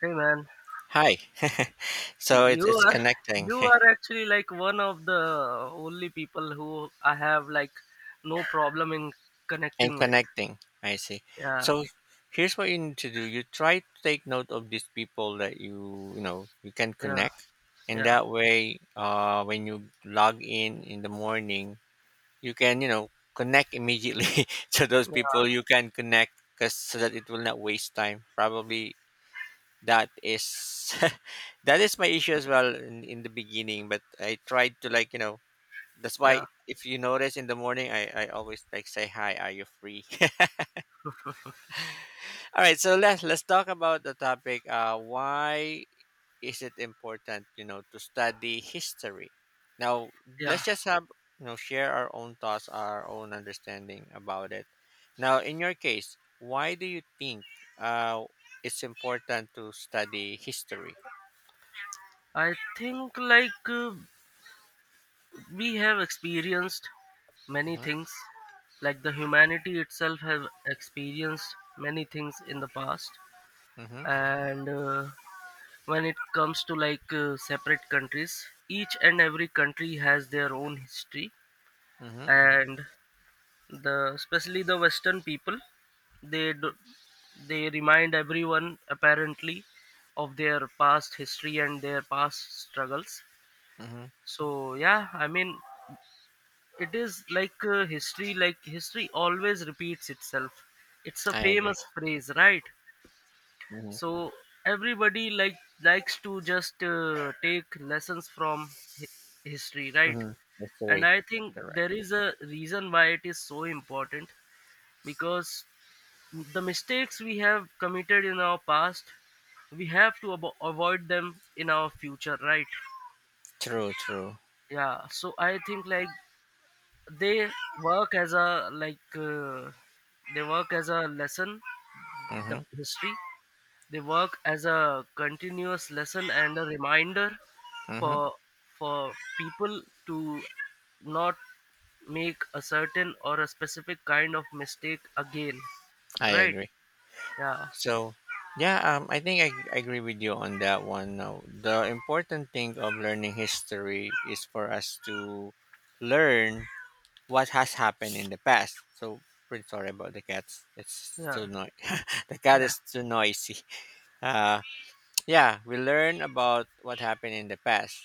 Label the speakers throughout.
Speaker 1: Hey man,
Speaker 2: Hi. so it's
Speaker 1: you
Speaker 2: it's
Speaker 1: are
Speaker 2: connecting.
Speaker 1: you are actually like one of the only people who I have like no problem in
Speaker 2: And
Speaker 1: connecting with.
Speaker 2: connecting. I see.
Speaker 1: Yeah,
Speaker 2: So here's what you need to do. You try to take note of these people that you know you can
Speaker 1: yeah,
Speaker 2: connect, and
Speaker 1: yeah,
Speaker 2: that way, when you log in the morning, you can connect immediately to those
Speaker 1: yeah,
Speaker 2: people you can connect, cause so that it will not waste time. Probably that is that is my issue as well in the beginning, but I tried to That's
Speaker 1: yeah,
Speaker 2: why if you notice in the morning, I always like say hi. Are you free? All right, so let's talk about the topic. Why is it important, you know, to study history? Now
Speaker 1: yeah.
Speaker 2: let's just have share our own thoughts, our own understanding about it. Now, in your case, why do you think uh, it's important to study history?
Speaker 1: I think like we have experienced many
Speaker 2: Hmm.
Speaker 1: things. Like, the humanity itself have experienced many things in the past,
Speaker 2: Hmm.
Speaker 1: and when it comes to like separate countries, each and every country has their own history.
Speaker 2: Hmm.
Speaker 1: And the especially the western people, they do, they remind everyone apparently of their past history and their past struggles.
Speaker 2: Hmm.
Speaker 1: So yeah, I mean, it is like history, like history always repeats itself. It's a
Speaker 2: I agree.
Speaker 1: famous phrase, right?
Speaker 2: Mhm.
Speaker 1: So everybody like likes to just take lessons from hi- history, right?
Speaker 2: Mhm.
Speaker 1: And
Speaker 2: Mystery.
Speaker 1: I
Speaker 2: That's
Speaker 1: think
Speaker 2: correct.
Speaker 1: there is a reason why it is so important, because the mistakes we have committed in our past we have to avoid them in our future, right?
Speaker 2: True, true.
Speaker 1: Yeah, so I think like they work as a like uh, they work as a lesson, the
Speaker 2: Mhm,
Speaker 1: history, they work as a continuous lesson and a reminder
Speaker 2: mhm.
Speaker 1: for for people to not make a certain or a specific kind of mistake again,
Speaker 2: I
Speaker 1: right?
Speaker 2: agree.
Speaker 1: Yeah,
Speaker 2: So, yeah, I agree with you on that one. Now, the important thing of learning history is for us to learn what has happened in the past. So, pretty sorry about the cats. It's
Speaker 1: yeah.
Speaker 2: so noisy. The cat
Speaker 1: Yeah,
Speaker 2: is too noisy. Uh, Yeah, we learn about what happened in the past.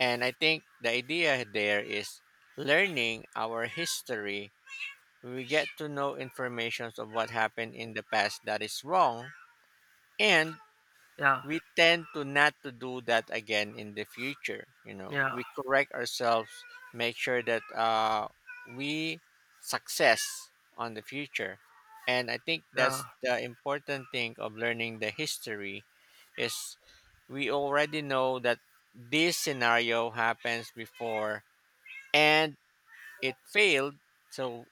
Speaker 2: And I think the idea there is learning our history. We get to know information of what happened in the past that is wrong, and
Speaker 1: yeah,
Speaker 2: we tend to not to do that again in the future, you know,
Speaker 1: yeah,
Speaker 2: we correct ourselves, make sure that we success on the future. And I think that's the important thing of learning the history is we already know that this scenario happens before and it failed. So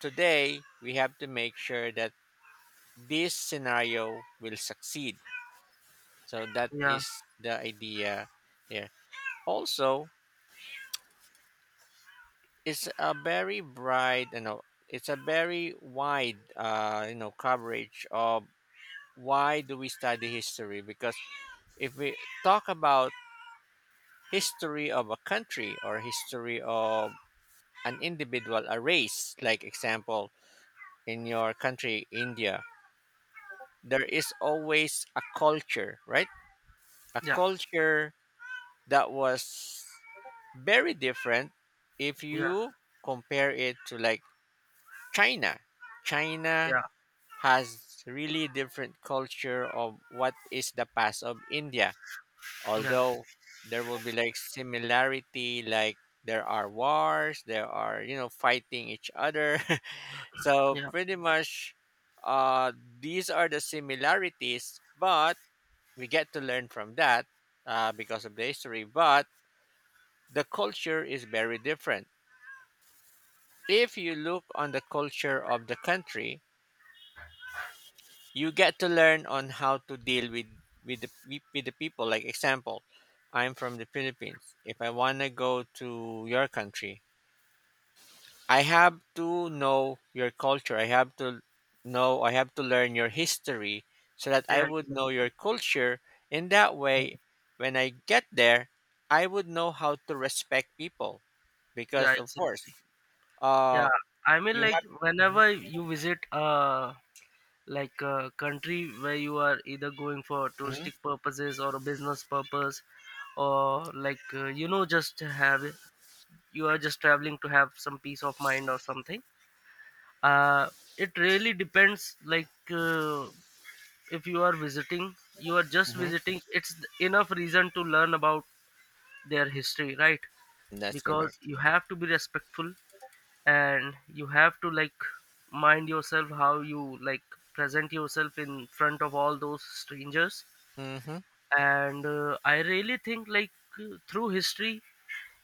Speaker 2: today we have to make sure that this scenario will succeed. So that
Speaker 1: yeah,
Speaker 2: is the idea there. Also, it's a very bright, you know, it's a very wide, you know, coverage of why do we study history? Because if we talk about history of a country or history of an individual, a race, like example in your country, India, there is always a culture, right? A
Speaker 1: yeah,
Speaker 2: culture that was very different if
Speaker 1: yeah,
Speaker 2: you compare it to like China. China
Speaker 1: yeah,
Speaker 2: has really different culture of what is the past of India.
Speaker 1: yeah,
Speaker 2: Although there will be like similarity, like there are wars, there are you know fighting each other. So
Speaker 1: yeah,
Speaker 2: pretty much, uh, these are the similarities, but we get to learn from that, because of the history. But the culture is very different. If you look on the culture of the country, you get to learn on how to deal with with the people. Like example, I'm from the Philippines. If I want to go to your country, I have to know your culture. I have to know. I have to learn your history so that
Speaker 1: yeah,
Speaker 2: I
Speaker 1: yeah,
Speaker 2: would
Speaker 1: exactly.
Speaker 2: know your culture. In that way, when I get there, I would know how to respect people,
Speaker 1: Yeah,
Speaker 2: because, of course,
Speaker 1: exactly.
Speaker 2: uh
Speaker 1: Yeah, I mean,
Speaker 2: You
Speaker 1: like,
Speaker 2: have. Mhm,
Speaker 1: whenever you visit a country where you are either going for
Speaker 2: mhm,
Speaker 1: touristic purposes or a business purpose, or like just to have you are just traveling to have some peace of mind or something. Uh, it really depends, like. If you are just
Speaker 2: mhm.
Speaker 1: visiting, it's enough reason to learn about their history, right?
Speaker 2: That's
Speaker 1: Because
Speaker 2: correct.
Speaker 1: you have to be respectful, and you have to like mind yourself how you like present yourself in front of all those strangers.
Speaker 2: Hmm.
Speaker 1: And I really think like through history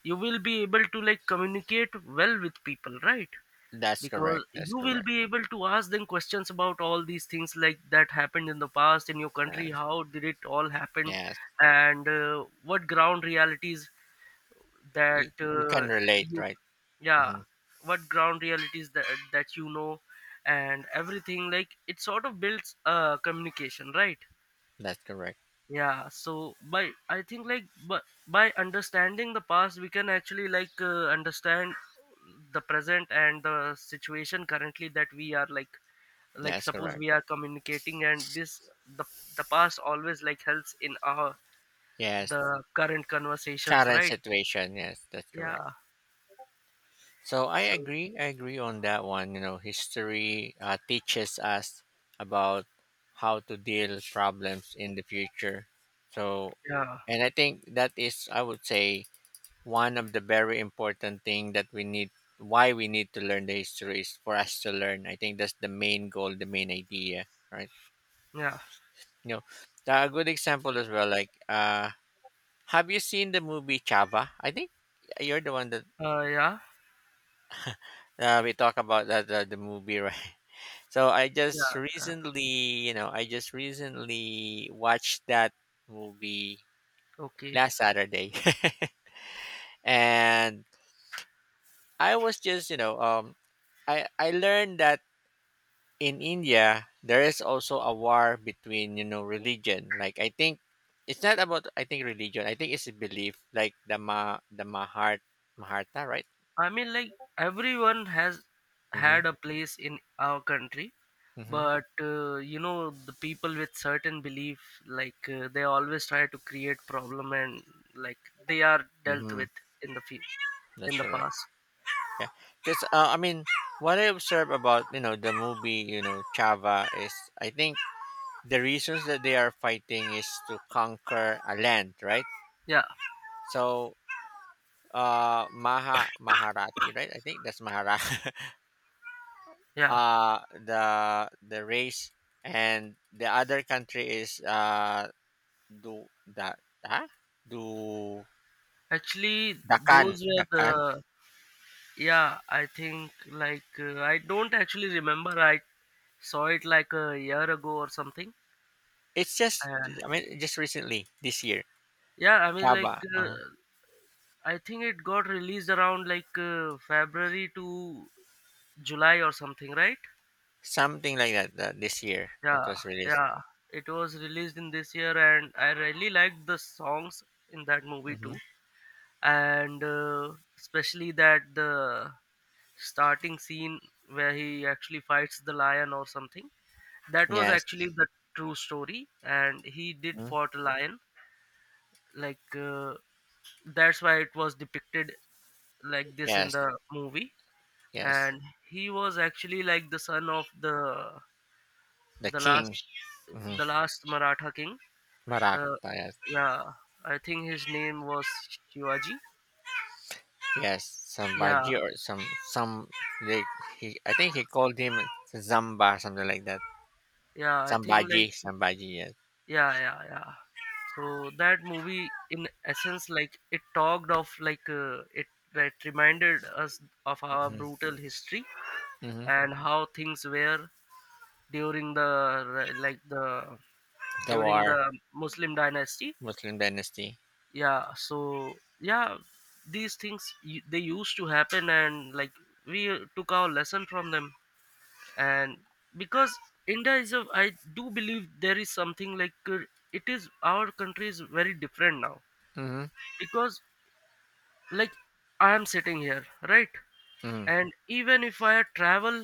Speaker 1: you will be able to like communicate well with people, right?
Speaker 2: That's
Speaker 1: Because
Speaker 2: correct. That's
Speaker 1: you will
Speaker 2: correct.
Speaker 1: be able to ask them questions about all these things, like, that happened in the past in your country,
Speaker 2: Yes.
Speaker 1: how did it all happen.
Speaker 2: Yes.
Speaker 1: And what ground realities that
Speaker 2: You can relate,
Speaker 1: you
Speaker 2: right?
Speaker 1: yeah,
Speaker 2: Hmm.
Speaker 1: what ground realities that that and everything, like, it sort of builds communication, right?
Speaker 2: That's correct.
Speaker 1: Yeah, so by I think like, but by understanding the past we can actually like understand the present and the situation currently that we are like
Speaker 2: That's
Speaker 1: suppose
Speaker 2: correct.
Speaker 1: we are communicating, and this the the past always like helps in our
Speaker 2: Yes.
Speaker 1: the current conversations,
Speaker 2: Current
Speaker 1: right?
Speaker 2: situation. Yes, that's correct.
Speaker 1: Yeah,
Speaker 2: So I
Speaker 1: so
Speaker 2: agree. I agree on that one. You know, history teaches us about how to deal problems in the future. So,
Speaker 1: yeah,
Speaker 2: and I think that is, I would say, one of the very important thing that we need. Why we need to learn the history is for us to learn. I think that's the main goal, the main idea, right?
Speaker 1: yeah,
Speaker 2: You know, the, a good example as well like have you seen the movie Chava? I think you're the one that
Speaker 1: yeah,
Speaker 2: we talk about that, the movie, right? So
Speaker 1: yeah, uh,
Speaker 2: I just recently watched that movie
Speaker 1: okay.
Speaker 2: last Saturday. And I was just I learned that in India, there is also a war between you know religion. Like I think it's not about I think religion. I think it's a belief, like the Mahart Maharta, right?
Speaker 1: I mean, like, everyone has
Speaker 2: Mm-hmm.
Speaker 1: had a place in our country,
Speaker 2: Mm-hmm.
Speaker 1: but the people with certain belief, like they always try to create problem, and like they are dealt
Speaker 2: Mm-hmm.
Speaker 1: with in the
Speaker 2: That's
Speaker 1: in the
Speaker 2: correct.
Speaker 1: past.
Speaker 2: Yeah, because I mean, what I observe about you know the movie you know Chava is I think the reasons that they are fighting is to conquer a land, right?
Speaker 1: Yeah,
Speaker 2: So Maharati, right? I think that's Mahara.
Speaker 1: yeah.
Speaker 2: The race, and the other country is do that, huh? Do
Speaker 1: Actually,
Speaker 2: Dakan
Speaker 1: those were
Speaker 2: Dakan.
Speaker 1: the yeah. I think like I don't actually remember. I saw it like a year ago or something.
Speaker 2: It's just,
Speaker 1: Uh,
Speaker 2: I mean just recently this year,
Speaker 1: yeah, I mean
Speaker 2: Kaba,
Speaker 1: like. I think it got released around like February to July or something, right?
Speaker 2: something like that, this year it
Speaker 1: Yeah,
Speaker 2: was released.
Speaker 1: yeah. It was released in this year, and I really liked the songs in that movie
Speaker 2: Hmm.
Speaker 1: too, and especially that the starting scene where he actually fights the lion or something. That was
Speaker 2: Yes.
Speaker 1: actually the true story, and he did
Speaker 2: Mhm.
Speaker 1: fought a lion. Like that's why it was depicted like this in
Speaker 2: Yes.
Speaker 1: the movie.
Speaker 2: Yes.
Speaker 1: And he was actually like the son of the
Speaker 2: The
Speaker 1: the last
Speaker 2: King. Hmm.
Speaker 1: last Maratha king. Uh,
Speaker 2: Marakta, yes.
Speaker 1: yeah, I think his name was Shivaji.
Speaker 2: Yes.
Speaker 1: Yeah,
Speaker 2: Sambaji or some, they, he I think he called him Zamba something like that.
Speaker 1: yeah, I think
Speaker 2: Sambhaji,
Speaker 1: like,
Speaker 2: Sambhaji, yes.
Speaker 1: yeah, yeah, yeah. So that movie, in essence, like, it talked of, like it that reminded us of our
Speaker 2: Mhm,
Speaker 1: brutal history
Speaker 2: mhm.
Speaker 1: and how things were during the, like the
Speaker 2: The
Speaker 1: during
Speaker 2: war,
Speaker 1: the Muslim dynasty.
Speaker 2: Muslim dynasty.
Speaker 1: Yeah, so yeah, these things they used to happen, and like we took our lesson from them. And because India is a I do believe there is something like it is our country is very different now,
Speaker 2: Mhm,
Speaker 1: because, like, I am sitting here, right?
Speaker 2: mhm,
Speaker 1: And even if i travel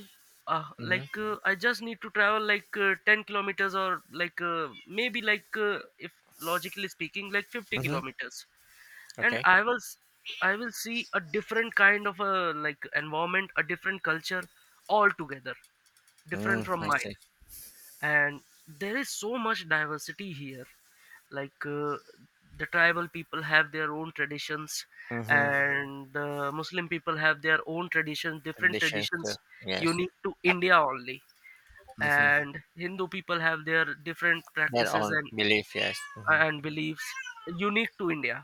Speaker 1: uh,
Speaker 2: mhm,
Speaker 1: I just need to travel like 10 kilometers, or like maybe like if logically speaking like 50
Speaker 2: mhm.
Speaker 1: kilometers, and
Speaker 2: Okay.
Speaker 1: I will see a different kind of a like environment, a different culture altogether, different
Speaker 2: Mm,
Speaker 1: from
Speaker 2: I
Speaker 1: Mine.
Speaker 2: see.
Speaker 1: And there is so much diversity here, like the tribal people have their own traditions.
Speaker 2: Mhm.
Speaker 1: Mm-hmm. And the muslim people have their own traditions, different
Speaker 2: Traditions too.
Speaker 1: traditions
Speaker 2: Yes.
Speaker 1: unique to India only.
Speaker 2: Mhm.
Speaker 1: And hindu people have their different
Speaker 2: Their
Speaker 1: practices
Speaker 2: own
Speaker 1: and
Speaker 2: belief. Yes. Mhm.
Speaker 1: and beliefs unique to India.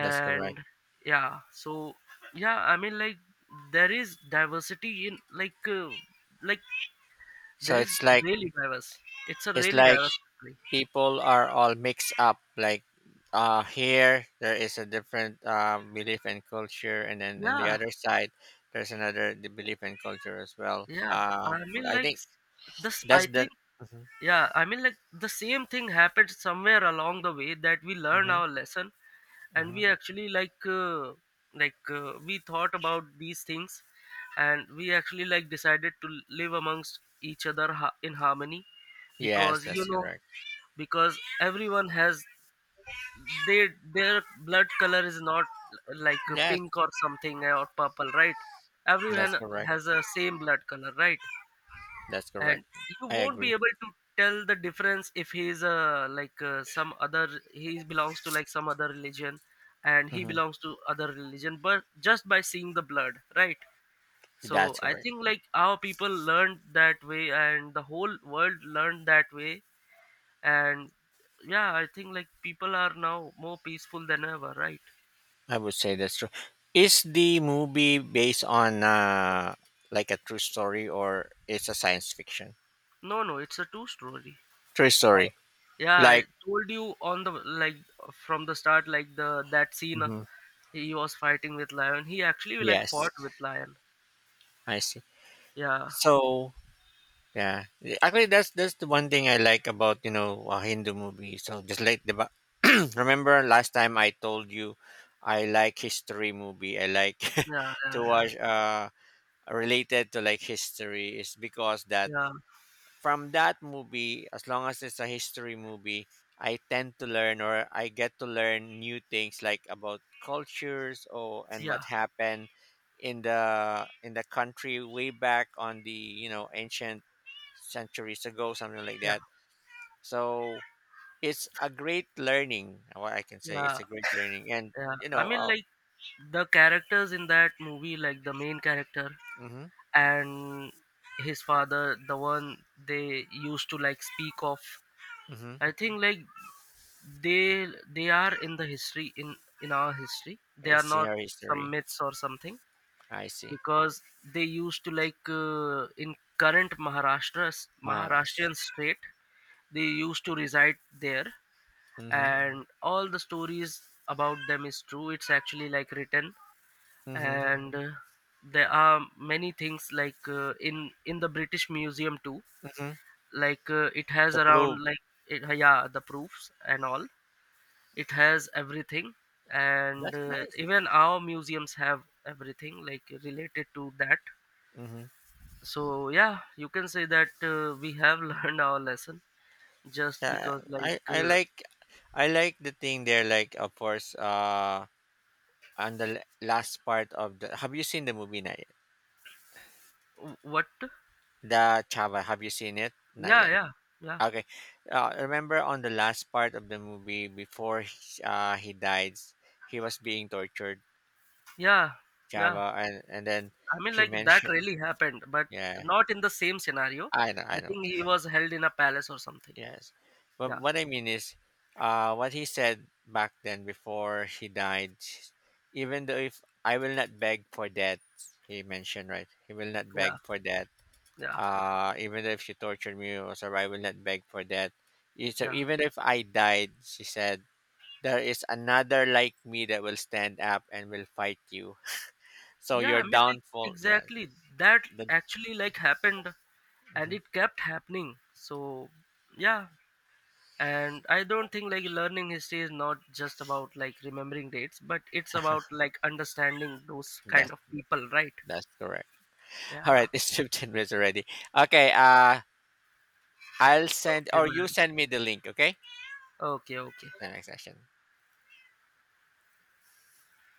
Speaker 2: That's correct.
Speaker 1: yeah, so yeah, I mean, like, there is diversity in, like like,
Speaker 2: So
Speaker 1: there is
Speaker 2: it's like,
Speaker 1: really diverse it's a
Speaker 2: it's
Speaker 1: really
Speaker 2: like
Speaker 1: diverse country.
Speaker 2: people are all mixed up. Like here there is a different belief and culture, and then on the
Speaker 1: Yeah,
Speaker 2: other side there's another the belief and culture as well.
Speaker 1: yeah, I mean,
Speaker 2: I
Speaker 1: like,
Speaker 2: think
Speaker 1: this
Speaker 2: that's
Speaker 1: I
Speaker 2: the.
Speaker 1: think, yeah, I mean, like, the same thing happened somewhere along the way, that we learned
Speaker 2: Mhm,
Speaker 1: our lesson, and
Speaker 2: mhm.
Speaker 1: we actually, like, we thought about these things, and we actually like decided to live amongst each other in harmony.
Speaker 2: Yes,
Speaker 1: Because, you
Speaker 2: that's
Speaker 1: know,
Speaker 2: correct.
Speaker 1: because everyone has they their blood color is not like
Speaker 2: Yes,
Speaker 1: pink or something, or purple, right?
Speaker 2: that's
Speaker 1: Everyone
Speaker 2: correct.
Speaker 1: has a same blood color, right?
Speaker 2: That's correct.
Speaker 1: And you
Speaker 2: I
Speaker 1: won't be
Speaker 2: agree.
Speaker 1: able to tell the difference if he's like some other he belongs to like some other religion, and he
Speaker 2: Hmm.
Speaker 1: belongs to other religion, but just by seeing the blood, right? So
Speaker 2: That's
Speaker 1: I
Speaker 2: correct.
Speaker 1: think like our people learned that way, and the whole world learned that way. And yeah, I think like people are now more peaceful than ever, right?
Speaker 2: I would say that's true. Is the movie based on like a true story, or it's a science fiction?
Speaker 1: No, no, it's a true story.
Speaker 2: True
Speaker 1: I,
Speaker 2: story.
Speaker 1: yeah, I
Speaker 2: Like,
Speaker 1: told you, on the, like, from the start, like, the that scene,
Speaker 2: mhm.
Speaker 1: he was fighting with lion. He actually like
Speaker 2: Yes,
Speaker 1: fought with lion.
Speaker 2: I see.
Speaker 1: Yeah,
Speaker 2: So yeah, actually, that's the one thing I like about you know Hindu movies. So just like remember last time I told you I like history movie. I like
Speaker 1: yeah,
Speaker 2: to
Speaker 1: yeah, yeah,
Speaker 2: watch related to like history is because that
Speaker 1: yeah,
Speaker 2: from that movie, as long as it's a history movie, I tend to learn or I get to learn new things like about cultures or and
Speaker 1: yeah,
Speaker 2: what happened in the country way back on the you know ancient centuries ago, something like
Speaker 1: yeah,
Speaker 2: that. So it's a great learning. What I can say, it's
Speaker 1: yeah,
Speaker 2: a great learning, and
Speaker 1: yeah.
Speaker 2: you
Speaker 1: I
Speaker 2: know,
Speaker 1: mean, like, the characters in that movie, like the main character
Speaker 2: mm-hmm,
Speaker 1: and his father, the one they used to like speak of.
Speaker 2: mm-hmm,
Speaker 1: I think like they are in the history, in our history. They are
Speaker 2: it's in
Speaker 1: not
Speaker 2: your
Speaker 1: some
Speaker 2: history.
Speaker 1: myths or something,
Speaker 2: I see.
Speaker 1: because they used to like in current Maharashtra
Speaker 2: Maharas.
Speaker 1: Maharashtrian state they used to reside there.
Speaker 2: Mm-hmm,
Speaker 1: And all the stories about them is true, it's actually like written.
Speaker 2: mm-hmm,
Speaker 1: And there are many things like in the british museum too,
Speaker 2: mm-hmm.
Speaker 1: like it has
Speaker 2: To prove,
Speaker 1: around, like it, yeah, the proofs and all, it has everything. And
Speaker 2: that's nice.
Speaker 1: even our museums have everything like related to that.
Speaker 2: Mm-hmm.
Speaker 1: So yeah, you can say that we have learned our lesson, just
Speaker 2: Yeah,
Speaker 1: because
Speaker 2: I
Speaker 1: like
Speaker 2: I like I like the thing there. Like of course, on the last part of the. Have you seen the movie? Not yet?
Speaker 1: what.
Speaker 2: The Chava. Have you seen it? Not
Speaker 1: Yeah,
Speaker 2: yet.
Speaker 1: yeah, yeah,
Speaker 2: Okay. Remember on the last part of the movie before he died, he was being tortured.
Speaker 1: yeah, yeah,
Speaker 2: Chava, and then
Speaker 1: I mean,
Speaker 2: he
Speaker 1: like, that
Speaker 2: mentioned.
Speaker 1: really happened, but
Speaker 2: Yeah,
Speaker 1: not in the same scenario,
Speaker 2: I know, I
Speaker 1: I
Speaker 2: know.
Speaker 1: think he was held in a palace or something.
Speaker 2: Yes. But
Speaker 1: Yeah,
Speaker 2: what I mean is, what he said back then before he died, even though if I will not beg for that, he mentioned, right? He will not
Speaker 1: yeah,
Speaker 2: beg for that.
Speaker 1: yeah,
Speaker 2: Even though if you tortured me, also, I will not beg for that. So
Speaker 1: yeah,
Speaker 2: even if I died, she said, there is another like me that will stand up and will fight you. So
Speaker 1: yeah, I
Speaker 2: your
Speaker 1: mean, like,
Speaker 2: downfall, yes.
Speaker 1: exactly, that
Speaker 2: The,
Speaker 1: actually like happened, and
Speaker 2: mhm.
Speaker 1: it kept happening, so yeah. And I don't think like learning history is not just about like remembering dates, but it's about like understanding those kind
Speaker 2: that's,
Speaker 1: of people, right?
Speaker 2: that's correct. All
Speaker 1: Yeah,
Speaker 2: right, it's 15 minutes already. Okay, I'll send
Speaker 1: okay
Speaker 2: or you
Speaker 1: man,
Speaker 2: send me the link, okay?
Speaker 1: okay, okay.
Speaker 2: The next session.